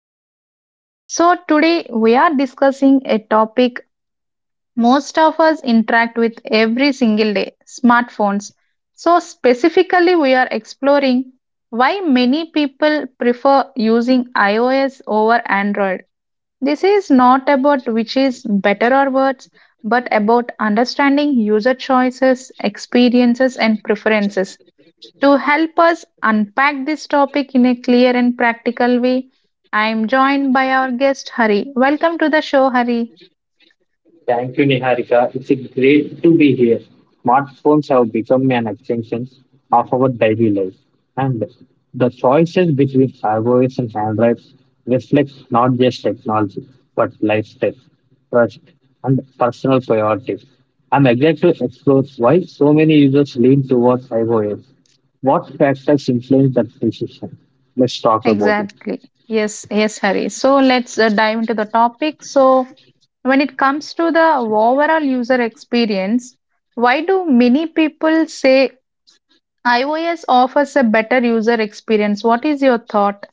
Niharika. So, today we are discussing a topic most of us interact with every single day, smartphones. So, specifically, we are exploring why many people prefer using iOS over Android. This is not about which is better or worse, but about understanding user choices, experiences, and preferences. To help us unpack this topic in a clear and practical way, I am joined by our guest Hari. Welcome to the show, Hari. Thank you, Niharika. It's great to be here. Smartphones have become an extension of our daily life, and the choices between iOS and Android reflect not just technology but lifestyle, trust, and personal priorities. I'm excited to explore why so many users lean towards iOS. What factors influence that decision? Let's talk about it. Exactly. Yes, yes, Hari. So let's dive into the topic. So, when it comes to the overall user experience, why do many people say iOS offers a better user experience? What is your thought?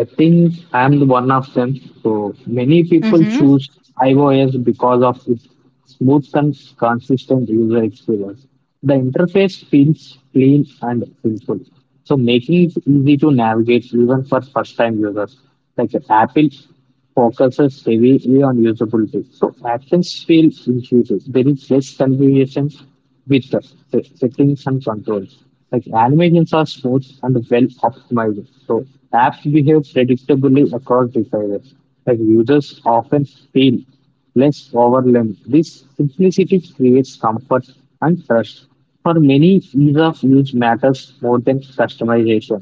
I think I'm the one of them. So many people Mhm. choose iOS because of its smooth and consistent user experience. The interface feels clean and simple, so making it easy to navigate even for first-time users. Like Apple focuses heavily on usability. So actions feel intuitive. There is less confusion with the settings and controls. Like animations are smooth and well optimized. So apps behave predictably across devices. Like users often feel less overwhelmed. This simplicity creates comfort and trust. For many, ease of use matters more than customization.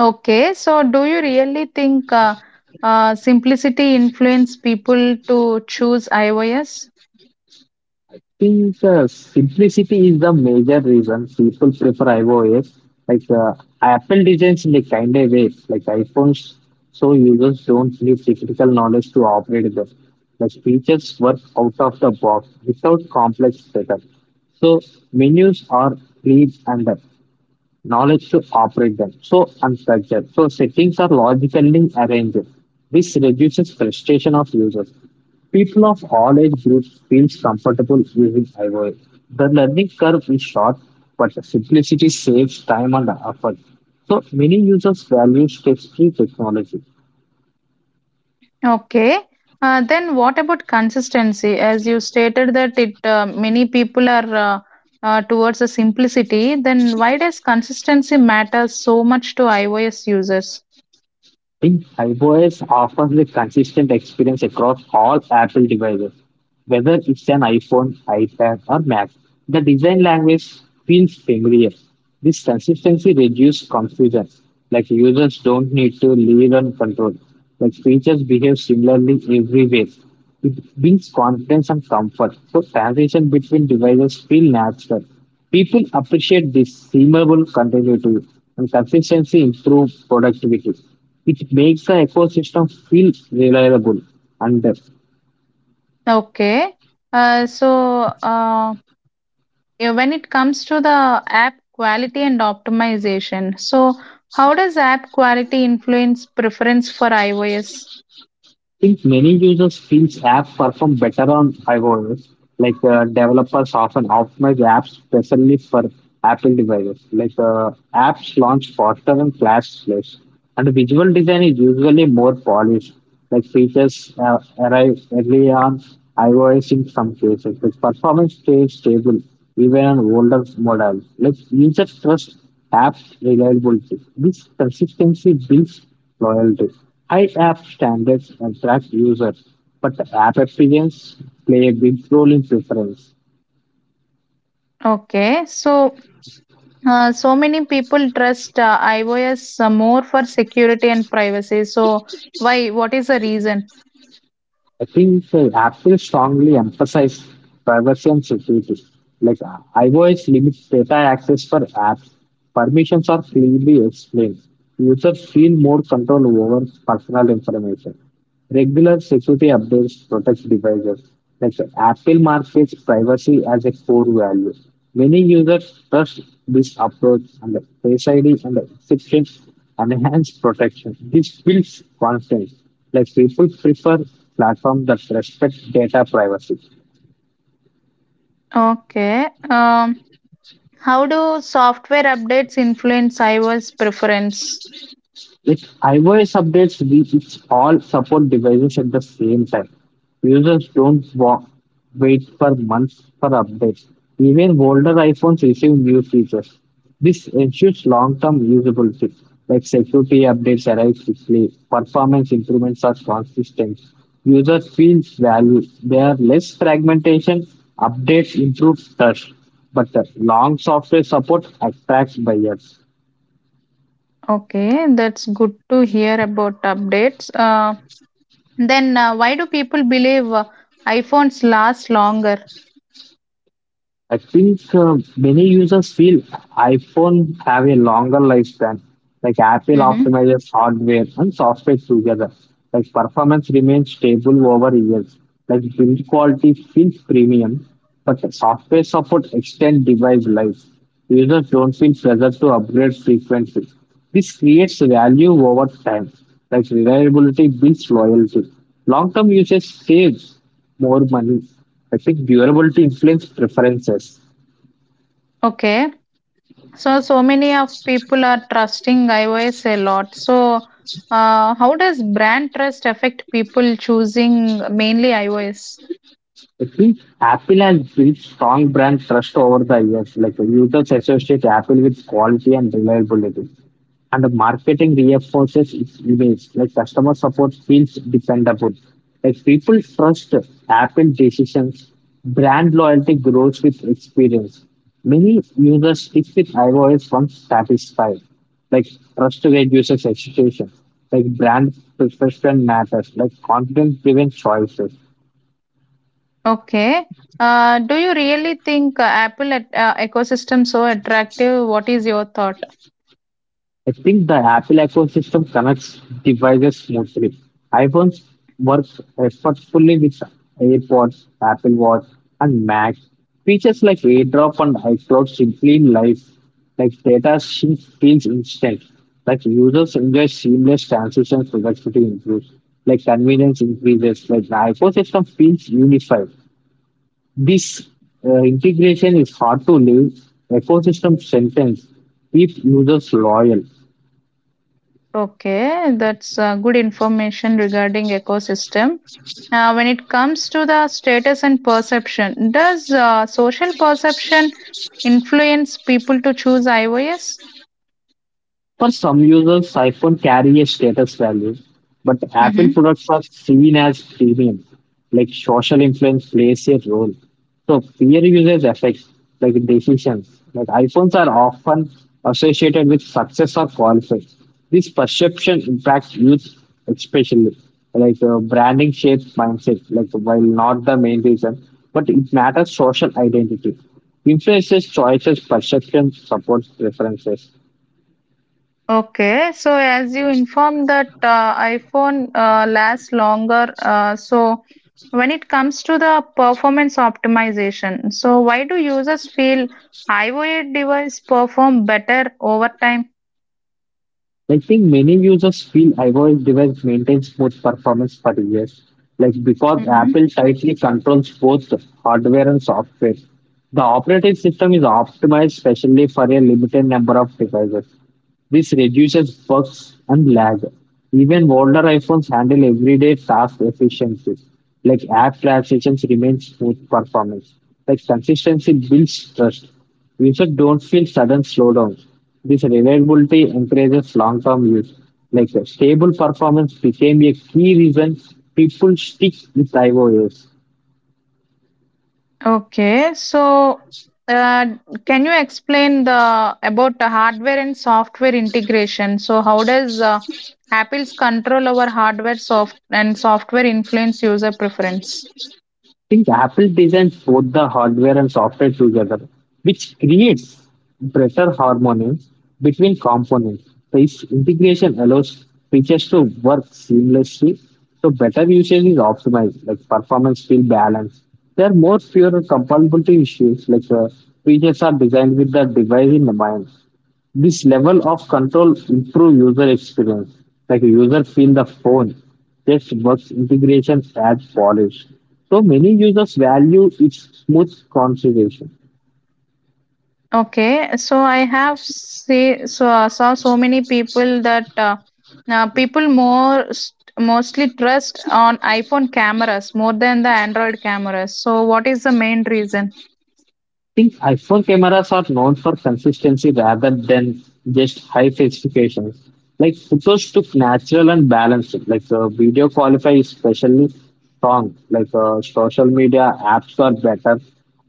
Okay, so do you really think simplicity influence people to choose iOS? Jesus, simplicity is the major reason people prefer iOS. Like Apple designs in a kind of way, like iPhones, so users don't need technical knowledge to operate them. Like features work out of the box without complex setup. So menus are clean and up knowledge to operate them. So unstructured. So settings are logically arranged. This reduces frustration of users. People of all age groups feel comfortable using iOS. The learning curve is short, but the simplicity saves time and effort. So many users value step-free technology. Okay, then what about consistency? As you stated that it many people are towards a simplicity, then why does consistency matter so much to iOS users? I think iOS offers a consistent experience across all Apple devices, whether it's an iPhone, iPad, or Mac. The design language feels familiar. This consistency reduces confusion, like users don't need to lean on control. Like features behave similarly everywhere. It builds confidence and comfort, so transition between devices feel natural. People appreciate this seamable continuity and consistency improves productivity. It makes the ecosystem feel reliable and Okay, so uh, Yeah, when it comes to the app quality and optimization, so how does app quality influence preference for iOS? think many users feel apps perform better on iOS. Like developers often optimize apps specially for Apple devices. Like apps launch faster than Flash plays, and visual design is usually more polished. Like features arrive early on iOS in some cases. Like performance stays stable even on older models. Like users trust apps reliability. This consistency builds loyalty. High app standards attract users, but the app experience play a big role in preference. Okay, so so many people trust iOS more for security and privacy. So why? What is the reason? I think Apple strongly emphasize privacy and security. Like iOS limits data access for apps. Permissions are clearly explained. Users feel more control over personal information. Regular security updates protect devices. Like Apple markets privacy as a core value. Many users trust this approach and the Face ID and the encryption enhance protection. This builds confidence. Like people prefer platforms that respect data privacy. Okay, how do software updates influence iOS preference? Like iOS updates reach all support devices at the same time. Users don't wa- wait for months for updates. Even older iPhones receive new features. This ensures long-term usability, like security updates arrive quickly, performance improvements are consistent, users feel value. There are less fragmentation, updates improve trust, but the long software support attracts buyers. Okay, that's good to hear about updates. Then why do people believe iPhones last longer? I think many users feel iPhone have a longer lifespan. Like Apple Mm-hmm. optimizes hardware and software together. Like performance remains stable over years. Like build quality feels premium, but software support extend device life. Users don't feel pressure to upgrade frequently. This creates value over time. Like reliability builds loyalty. Long-term usage saves more money. I think durability influence preferences. Okay, so so many of people are trusting iOS a lot. So, how does brand trust affect people choosing mainly iOS? I think Apple has built strong brand trust over the years. Like the users associate Apple with quality and reliability and the marketing reinforces its image. Like customer support feels dependable. Like people trust Apple decisions. Brand loyalty grows with experience. Many users stick with iOS once satisfied. Like trust reduces hesitation. Like brand perception matters. Like confidence driven choices. Okay, do you really think Apple at, ecosystem so attractive? What is your thought? I think the Apple ecosystem connects devices smoothly. iPhones work effortfully with AirPods, Apple Watch, and Mac. Features like AirDrop and iCloud simply life, like data sync feels instant. Like users enjoy seamless transitions, productivity improves. Like convenience increases. Like the iPhone system feels unified. This integration is hard to live. Ecosystem sentence keeps users loyal. Okay, that's good information regarding ecosystem. When it comes to the status and perception, does social perception influence people to choose iOS? For some users, iPhone carry a status value, but Apple Mm-hmm. products are seen as premium, like social influence plays a role. So peer usage affects like decisions. Like iPhones are often associated with success or conflict. This perception impacts youth especially. Like branding shapes mindset, like while not the main reason, but it matters social identity. Influences choices, perception, supports preferences. Okay, so as you informed that iPhone lasts longer, so when it comes to the performance optimization, so why do users feel iOS device perform better over time? I think many users feel iOS device maintains smooth performance for years, like because Apple tightly controls both hardware and software. The operating system is optimized specially for a limited number of devices. This reduces bugs and lag. Even older iPhones handle everyday task efficiencies, like app transitions remain smooth performance. Like consistency builds trust. Users don't feel sudden slowdowns. This reliability encourages long-term use. Like stable performance became a key reason people stick with iOS. Okay, uh, can you explain the about the hardware and software integration? So how does Apple's control over hardware soft and software influence user preference? Think Apple designs both the hardware and software together, which creates better harmony between components. This integration allows features to work seamlessly, so better usage is optimized, like performance feel balanced. There are more fewer compatibility issues, like features are designed with the device in the mind. This level of control improve user experience, like user feel the phone just works integration as polished, so many users value its smooth configuration. Okay, so I have see so I saw so many people that now people more st- mostly trust on iPhone cameras more than the Android cameras. So what is the main reason? Think iPhone cameras are known for consistency rather than just high specifications. Like photos took natural and balanced. Like video qualify is especially strong. Like social media apps are better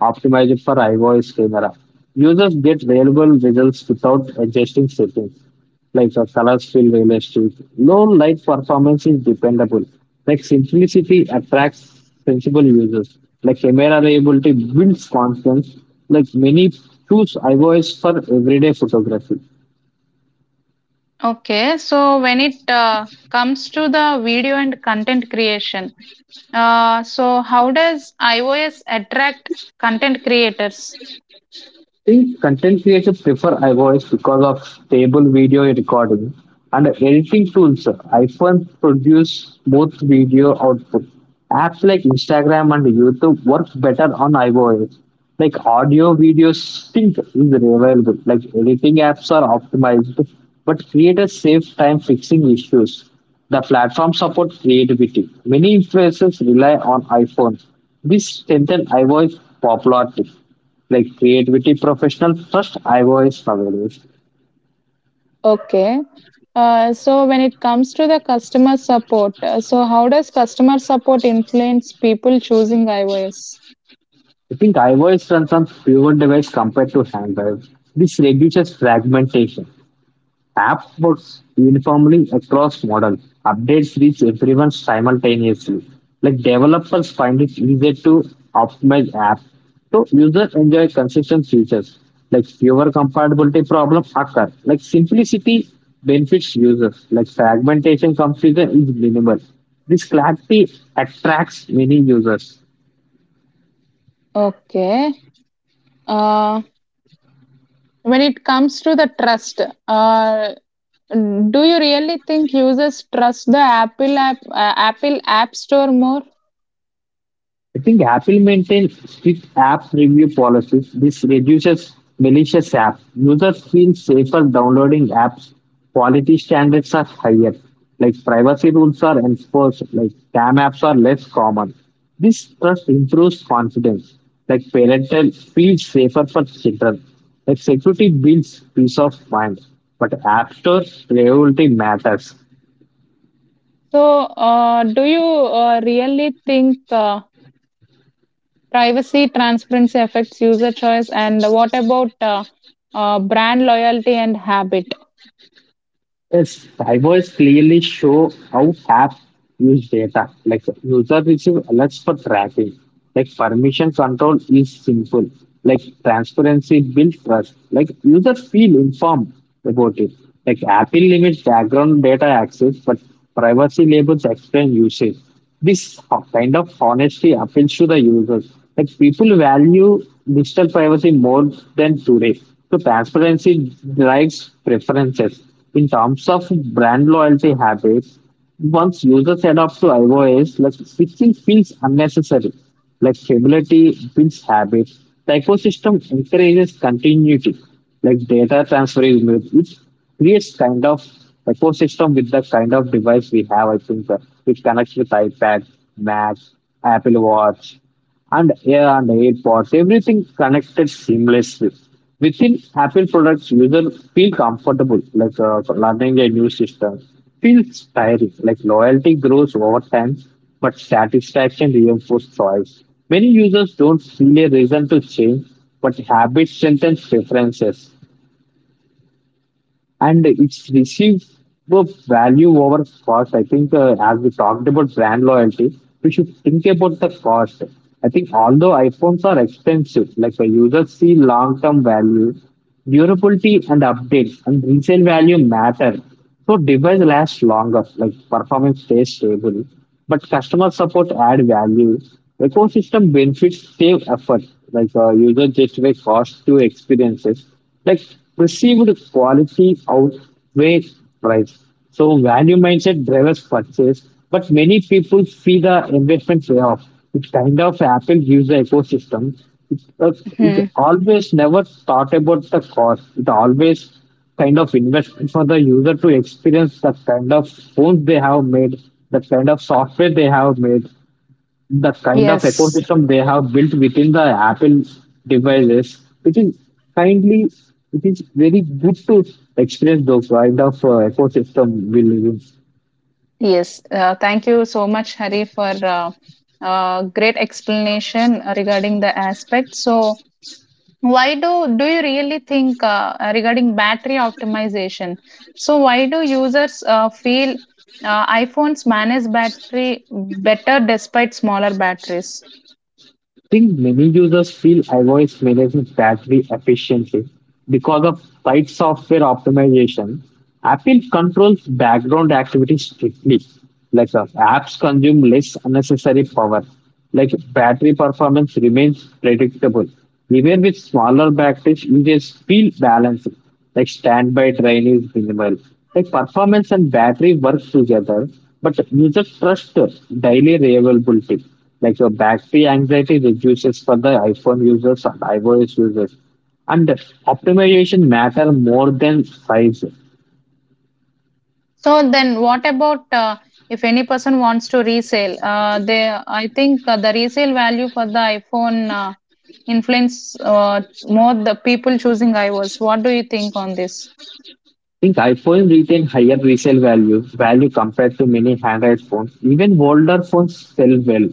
optimized for iOS camera. Users get reliable results without adjusting settings like the colors fill the industry. Low light performance is dependable. Like simplicity attracts sensible users. Like camera reliability builds confidence. Like many choose iOS for everyday photography. Okay, so when it comes to the video and content creation, so how does iOS attract content creators? Think content creators prefer iVoice because of stable video recording and editing tools. iPhones produce both video output. Apps like Instagram and YouTube work better on iVoice. Like audio video sync is available. Like editing apps are optimized, but creators save time fixing issues. The platform supports creativity. Many influencers rely on iPhones. This strengthens iVoice popularity, like creativity professional first iOS available. Okay. So when it comes to the customer support, so how does customer support influence people choosing iOS? I think iOS runs on fewer devices compared to Android. This reduces fragmentation. App works uniformly across models. Updates reach everyone simultaneously. Like developers find it easier to optimize apps. So users enjoy consistent features. Like fewer compatibility problems occur. Like simplicity benefits users. Like fragmentation confusion is minimal. This clarity attracts many users. Okay. Uh, when it comes to the trust, uh, do you really think users trust the Apple App Store more? I think Apple maintains strict app review policies. This reduces malicious apps. Users feel safer downloading apps. Quality standards are higher. Like privacy rules are enforced. Like scam apps are less common. This trust improves confidence. Like parental feels safer for children. Like security builds peace of mind. But app store priority matters. So, do you really think privacy transparency affects user choice? And what about brand loyalty and habit? Yes, drivers clearly show how app use data. Like user receive alerts for tracking. Like permission control is simple. Like transparency builds trust. Like user feel informed about it. Like Apple limits background data access, but privacy labels explain usage. This kind of honesty appeals to the users. Like people value digital privacy more than today. So transparency drives preferences. In terms of brand loyalty habits, once users adopt to iOS, like switching feels unnecessary. Like stability builds habits. The ecosystem encourages continuity. Like data transfer is made creates kind of ecosystem with the kind of device we have. I think which connects with iPad, Mac, Apple Watch, and AirPods. Everything connected seamlessly. Within Apple products, users feel comfortable, like learning a new system. Feels tiring, like loyalty grows over time, but satisfaction reinforces choice. Many users don't feel a reason to change, but habit strengthens preferences and it's received the value over cost. I think as we talked about brand loyalty, we should think about the cost. I think although iPhones are expensive, like the users see long-term value, durability and updates and resale value matter. So device lasts longer, like performance stays stable, but customer support add value. Ecosystem benefits save effort, like user justify cost to experiences, like perceived quality outweighs price. So value mindset drives purchase, but many people see the investment payoff. It's kind of Apple user ecosystem. It's, uh, it Hmm. always never thought about the cost. It always kind of investment for the user to experience the kind of phones they have made, the kind of software they have made, the kind of Yes, ecosystem they have built within the Apple devices, which is kindly, it is very good to experience those kind of ecosystem we live in. yes. Thank you so much, Hari, for great explanation regarding the aspect. So, Why do do you really think regarding battery optimization? So why do users feel iPhones manage battery better despite smaller batteries? Think many users feel iOS manages battery efficiency because of tight software optimization. Apple controls background activity strictly. Like apps consume less unnecessary power. Like battery performance remains predictable. Even with smaller batteries, users feel balanced. Like standby drain is minimal. Like performance and battery works together, but you just trust daily reliability. Like your battery anxiety reduces for the iPhone users and iOS users. And optimization matter more than size. So then, what about if any person wants to resell? They, I think the resale value for the iPhone influence more the people choosing iOS. What do you think on this? Think iPhone retain higher resale value compared to many handheld phones. Even older phones sell well.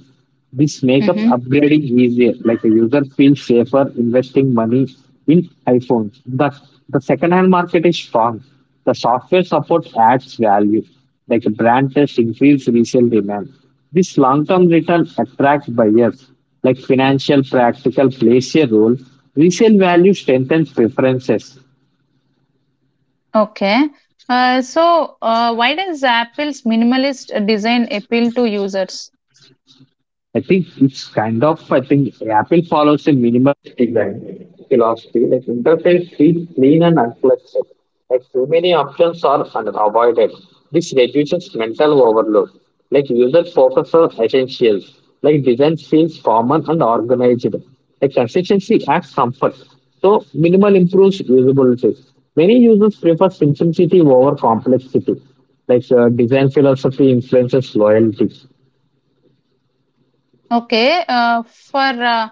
This makes up upgrading easier. Like a user feels safer investing money in iPhones. The second hand market is strong. The software support adds value. Like a brand test increase resale demand. This long term return attracts buyers. Like financial practical plays a role. Resale value strengthens preferences. Okay. So, why does Apple's minimalist design appeal to users? I think it's kind of, I think Apple follows a minimal design philosophy, like interface feels clean and unflexible. Like too many options are avoided. This reduces mental overload. Like user focus on essentials. Like design feels formal and organized. Like consistency adds comfort. So minimal improves usability. Many users prefer simplicity over complexity. Like design philosophy influences loyalty. Okay. For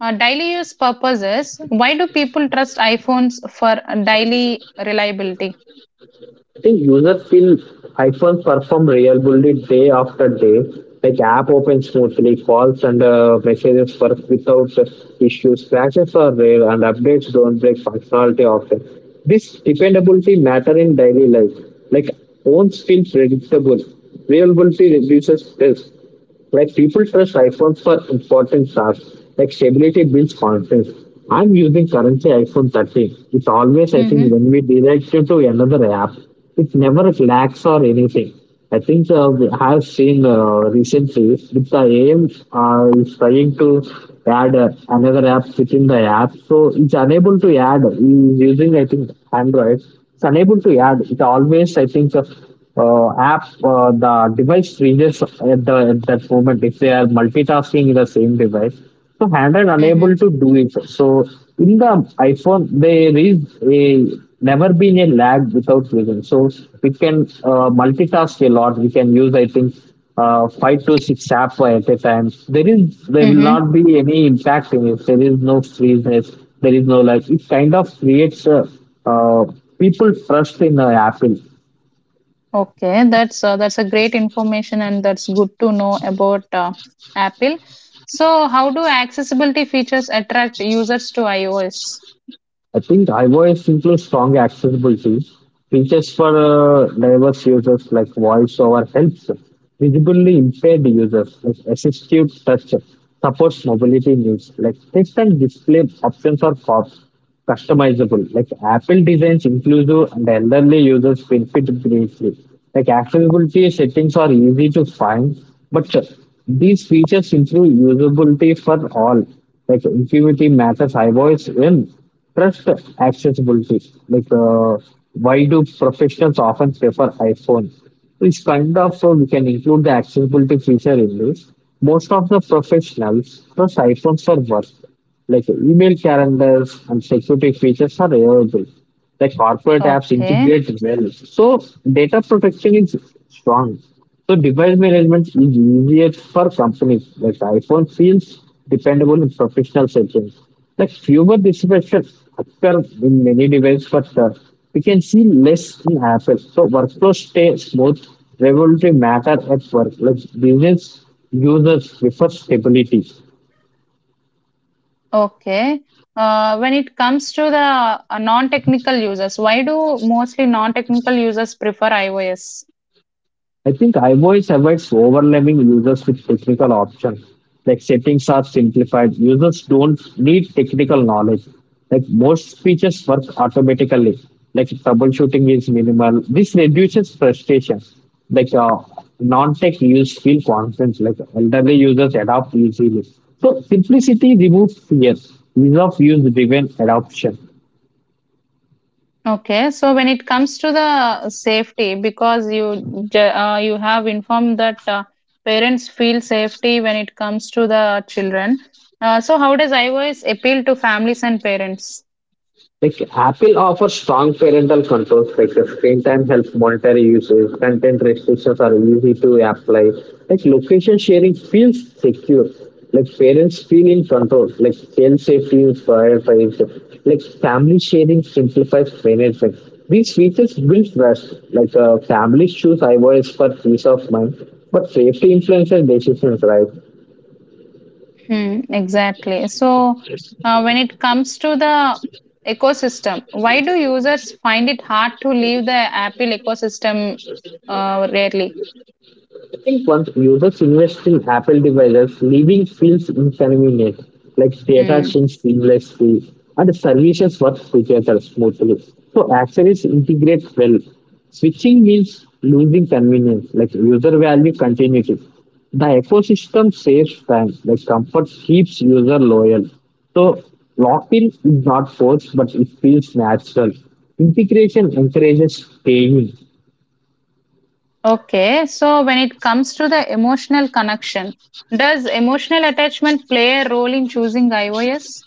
daily use purposes, why do people trust iPhones for daily reliability? I think users feel iPhones perform reliably day after day. Like app opens smoothly, calls and messages work without issues. Crashes are rare, and updates don't break functionality often. This dependability matter in daily life. Like phones feel predictable. Reliability reduces stress. Like people trust iPhone for important tasks, like stability builds confidence. I'm using currently iPhone 13. It's always, I think, Mm-hmm. when we direct you to another app, it never lags or anything. I think we have seen recently with the AIM is trying to add another app within the app, so it's unable to add. Is using I think Android, it's unable to add. It always I think app the device freezes at, at that moment if they are multitasking in the same device, so handheld unable Mm-hmm. to do it. So in the iPhone, there is a never been a lag without reason. So we can multitask a lot. We can use I think 5 to 6 apps at a time. There will Mm-hmm. not be any impact in it. There is no freezeness, there is no lag. It kind of creates a uh, people trust in Apple. Okay, that's a great information and that's good to know about Apple. So, how do accessibility features attract users to iOS? I think iVoice includes strong accessibility features for diverse users, like voiceover helps visibly impaired users, like assistive touch supports mobility needs, like text and display options are customizable, like Apple designs inclusive and elderly users benefit greatly, like accessibility settings are easy to find, but these features improve usability for all, like intuitivity matters iVoice in trust accessibility. Like, uh, why do professionals often prefer iPhone? Which kind of we can include the accessibility feature in this. Most of the professionals trust iPhones for work. Like email calendars and security features are available, like corporate apps Okay. integrate well. So data protection is strong. So device management is easier for companies. Like iPhone feels dependable in professional settings. Like fewer disruptions occur in many devices, but we can see less in Apple. So workflows stay smooth. Regulatory matter at work. Like business users prefer stability. Okay. When it comes to the non-technical users, why do mostly non-technical users prefer iOS? I think iVoice avoids overwhelming users with technical options. Like settings are simplified. Users don't need technical knowledge. Like most features work automatically. Like troubleshooting is minimal. This reduces frustration. Like non-tech users feel confident. Like elderly users adapt easily. So simplicity removes fear. Ease of use driven adoption. Okay, so when it comes to the safety, because you ju- you have informed that parents feel safety when it comes to the children. So how does iOS appeal to families and parents? Like Apple offers strong parental controls, like the screen time helps monitor usage, content restrictions are easy to apply. Like location sharing feels secure. Like parents feel in control. Like child safety is prioritized. Like family sharing simplifies management. These features build trust. Like families choose iOS for peace of mind, but safety influences decisions, right? Hmm, exactly. So, when it comes to the ecosystem, why do users find it hard to leave the Apple ecosystem rarely? I think once users invest in Apple devices, leaving feels inconvenient, like data Hmm. syncs seamlessly and services work together smoothly. So accessories integrate well. Switching means losing convenience, like user value continuity. The ecosystem saves time, like comfort keeps user loyal. So lock-in is not forced, but it feels natural. Integration encourages staying, Okay. So, when it comes to the emotional connection, does emotional attachment play a role in choosing iOS?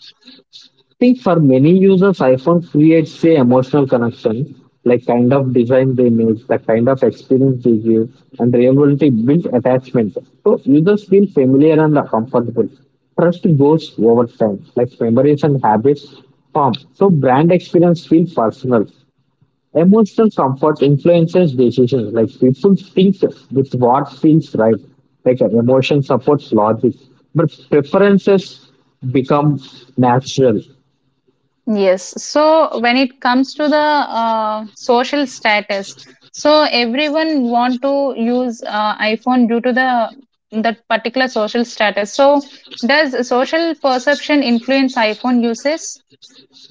think for many users, iPhone creates a emotional connection, like kind of design they make, the kind of experience they give, and reliability build attachment. So users feel familiar and comfortable. Trust goes over time, like memories and habits form. So brand experience feel personal. Emotional comfort influences decisions. Like people think with what feels right. Like emotion supports logic, but preferences become natural. Yes. So when it comes to the social status, so everyone want to use iPhone due to the that particular social status. So does social perception influence iPhone uses?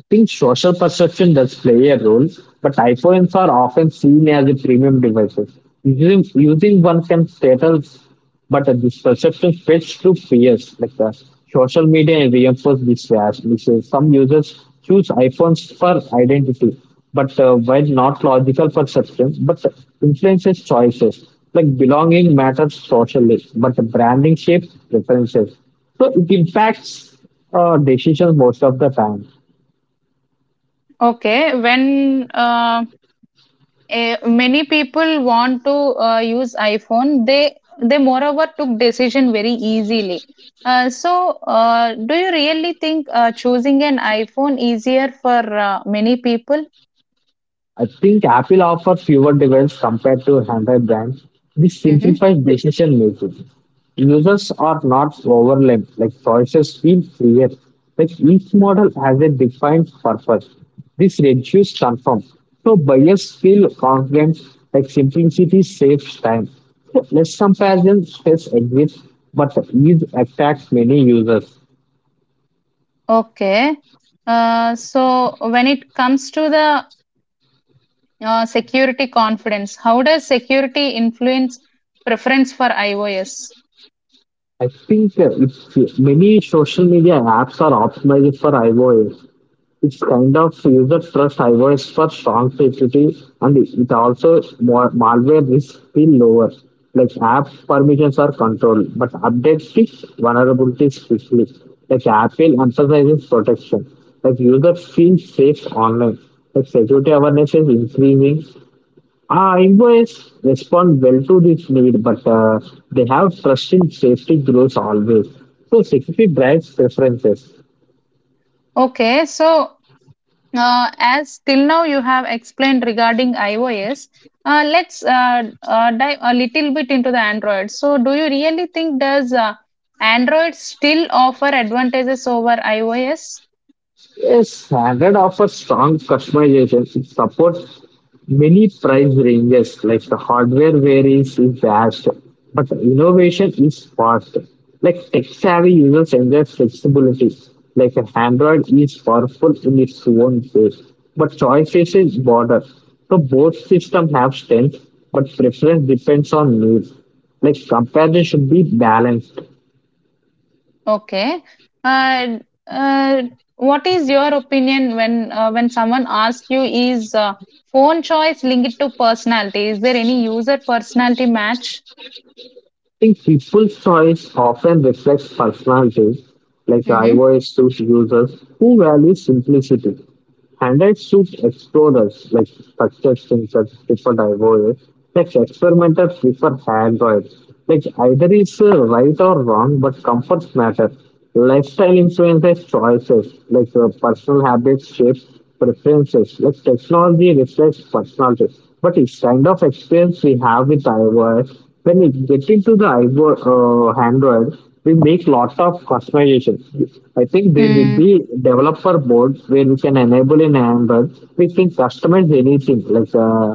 Think social perception does play a role, but iPhones are often seen as a premium devices. Using one can status, but this perception spreads through fears. Like the social media reinforces this bias. Which is some users choose iPhones for identity, but while not logical perception, but influences choices. Like belonging matters socially, but the branding shapes preferences. So it impacts decisions most of the time. Okay, when eh, many people want to use iPhone, they moreover took decision very easily. So, do you really think choosing an iPhone easier for many people? I think Apple offers fewer devices compared to Android brands. This Mhm. simplifies decision making. Users are not overwhelmed, like choices feel clear. Like each model has a defined purpose. This reduces confirm. So buyers feel confident, like simplicity saves time. So less comparison stress exists, but ease attracts many users. Okay. So when it comes to the security confidence, how does security influence preference for iOS? I think many social media apps are optimized for iOS. It's kind of user trust drivers for strong security, and it also more malware risk feel lower. Like app permissions are controlled, but updates fix vulnerabilities quickly. Like Apple emphasizes protection. Like users feel safe online. Like security awareness is increasing. Ah, invoice respond well to this need, but they have trust in safety grows always. So security drives preferences. Okay. So as till now you have explained regarding iOS, let's dive a little bit into the Android. So do you really think does Android still offer advantages over iOS? Yes, standard offers strong customization. It supports many price ranges, like the hardware varies is vast, but innovation is fast. Like tech-savvy users enjoy flexibility. Like an Android is powerful in its own way, but choices is broader. So both systems have strengths, but preference depends on needs. Like comparison should be balanced. Okay. And what is your opinion when someone asks you is phone choice linked to personality? Is there any user personality match? I think people's choice often reflects personalities, like I Mm-hmm. was those users who value simplicity. Handheld suits explorers, like structures themselves prefer divorce. Like experimenters prefer Android. Like either is right or wrong, but comforts matter. Lifestyle influences choices. Like personal habits shape preferences. Like technology reflects personality. But it's kind of experience we have with iOS. When we get into the iPhone, Android, we make lots of customization. I think there will Mm, be developer boards where we can enable in Android. We can customize anything, like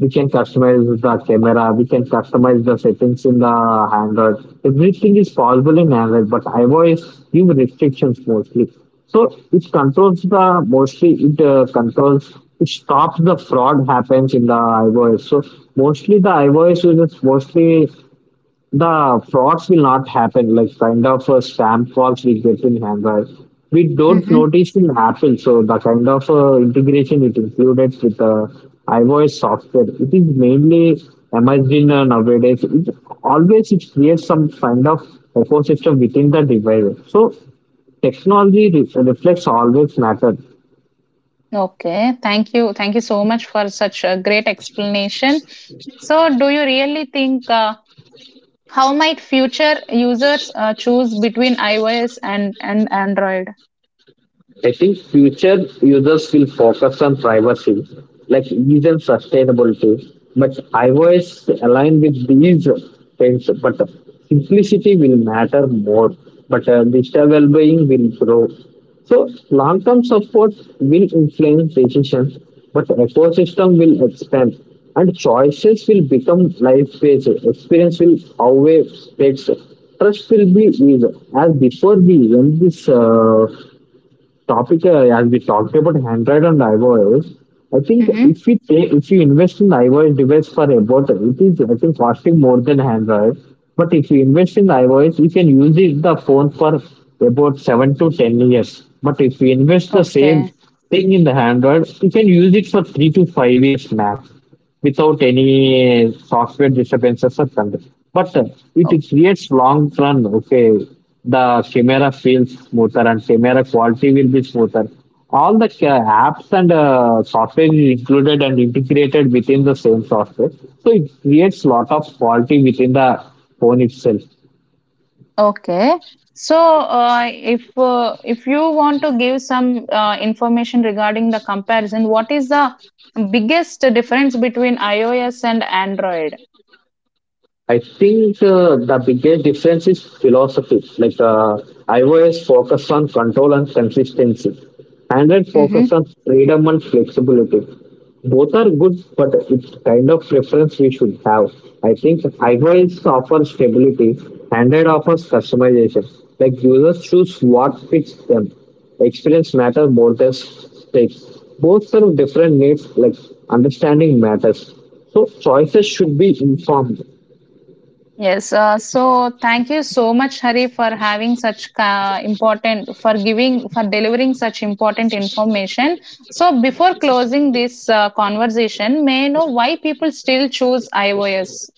we can customize the camera, we can customize the settings in the Android. Everything is possible in Android, but iOS give restrictions mostly. So it controls the mostly it controls it stops the fraud happens in the iOS. So mostly the iOS users, mostly the frauds will not happen, like kind of a spam frauds we get in Android we don't mm-hmm. notice in Apple. So the kind of integration it included with the iOS software, it is mainly emerged in nowadays. It always it creates some kind of ecosystem within the device. So technology reflects always matter. Okay. Thank you. Thank you so much for such a great explanation. So, do you really think how might future users choose between iOS and Android? I think future users will focus on privacy, like ease and sustainability. But iOS aligned with these things, but simplicity will matter more. But digital well-being will grow. So long-term support will influence decisions, but ecosystem will expand and choices will become life-based. Experience will outweigh specs. Trust will be easy. As before we end this topic, as we talked about Android and iOS, I think Mm-hmm. if we take if you invest in iOS device for about it is I think costing more than Android. But if you invest in iOS, you can use it the phone for about 7 to 10 years. But if you invest the same Okay. thing in the Android, you can use it for 3 to 5 years max without any software disturbances or content. But it, it creates long run, okay, the camera feels smoother and camera quality will be smoother. All the apps and software is included and integrated within the same software. So it creates lot of quality within the phone itself. Okay. So, if you want to give some information regarding the comparison, what is the biggest difference between iOS and Android? I think the biggest difference is philosophy. Like iOS focus on control and consistency, Android focus Mm-hmm. on freedom and flexibility. Both are good, but it's kind of preference we should have. I think iOS offers stability, Android offers customization. Like users choose what fits them. Experience matters more than stakes. Both serve different needs. Like understanding matters. So choices should be informed, Yes. So, thank you so much, Hari, for having such important for giving for delivering such important information. So, before closing this conversation, may I know why people still choose iOS?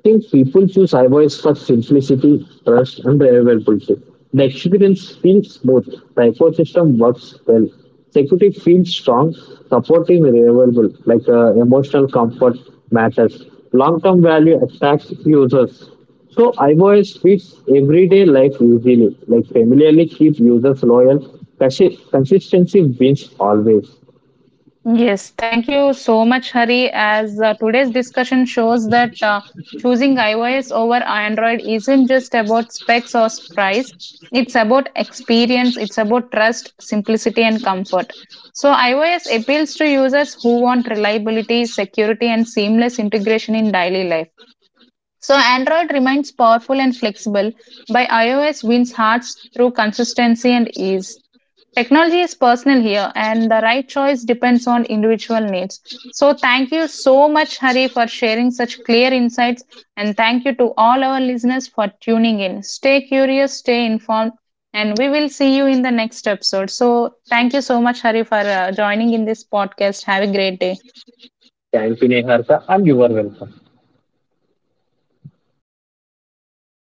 I think people choose iVoice for simplicity, trust, and reliability. The experience feels smooth, the ecosystem works well, security feels strong, support is reliable, like emotional comfort matters, long term value attracts users. So iVoice fits everyday life easily, like familiarly keep users loyal. Consistency wins always. Yes, thank you so much, Hari. As today's discussion shows that choosing iOS over Android isn't just about specs or price, it's about experience, it's about trust, simplicity, and comfort. So, iOS appeals to users who want reliability, security, and seamless integration in daily life. So, Android remains powerful and flexible, but iOS wins hearts through consistency and ease. Technology is personal here, and the right choice depends on individual needs. So, thank you so much, Hari, for sharing such clear insights. And thank you to all our listeners for tuning in. Stay curious, stay informed, and we will see you in the next episode. So, thank you so much, Hari, for joining in this podcast. Have a great day. Thank you, Neharka, and you are welcome.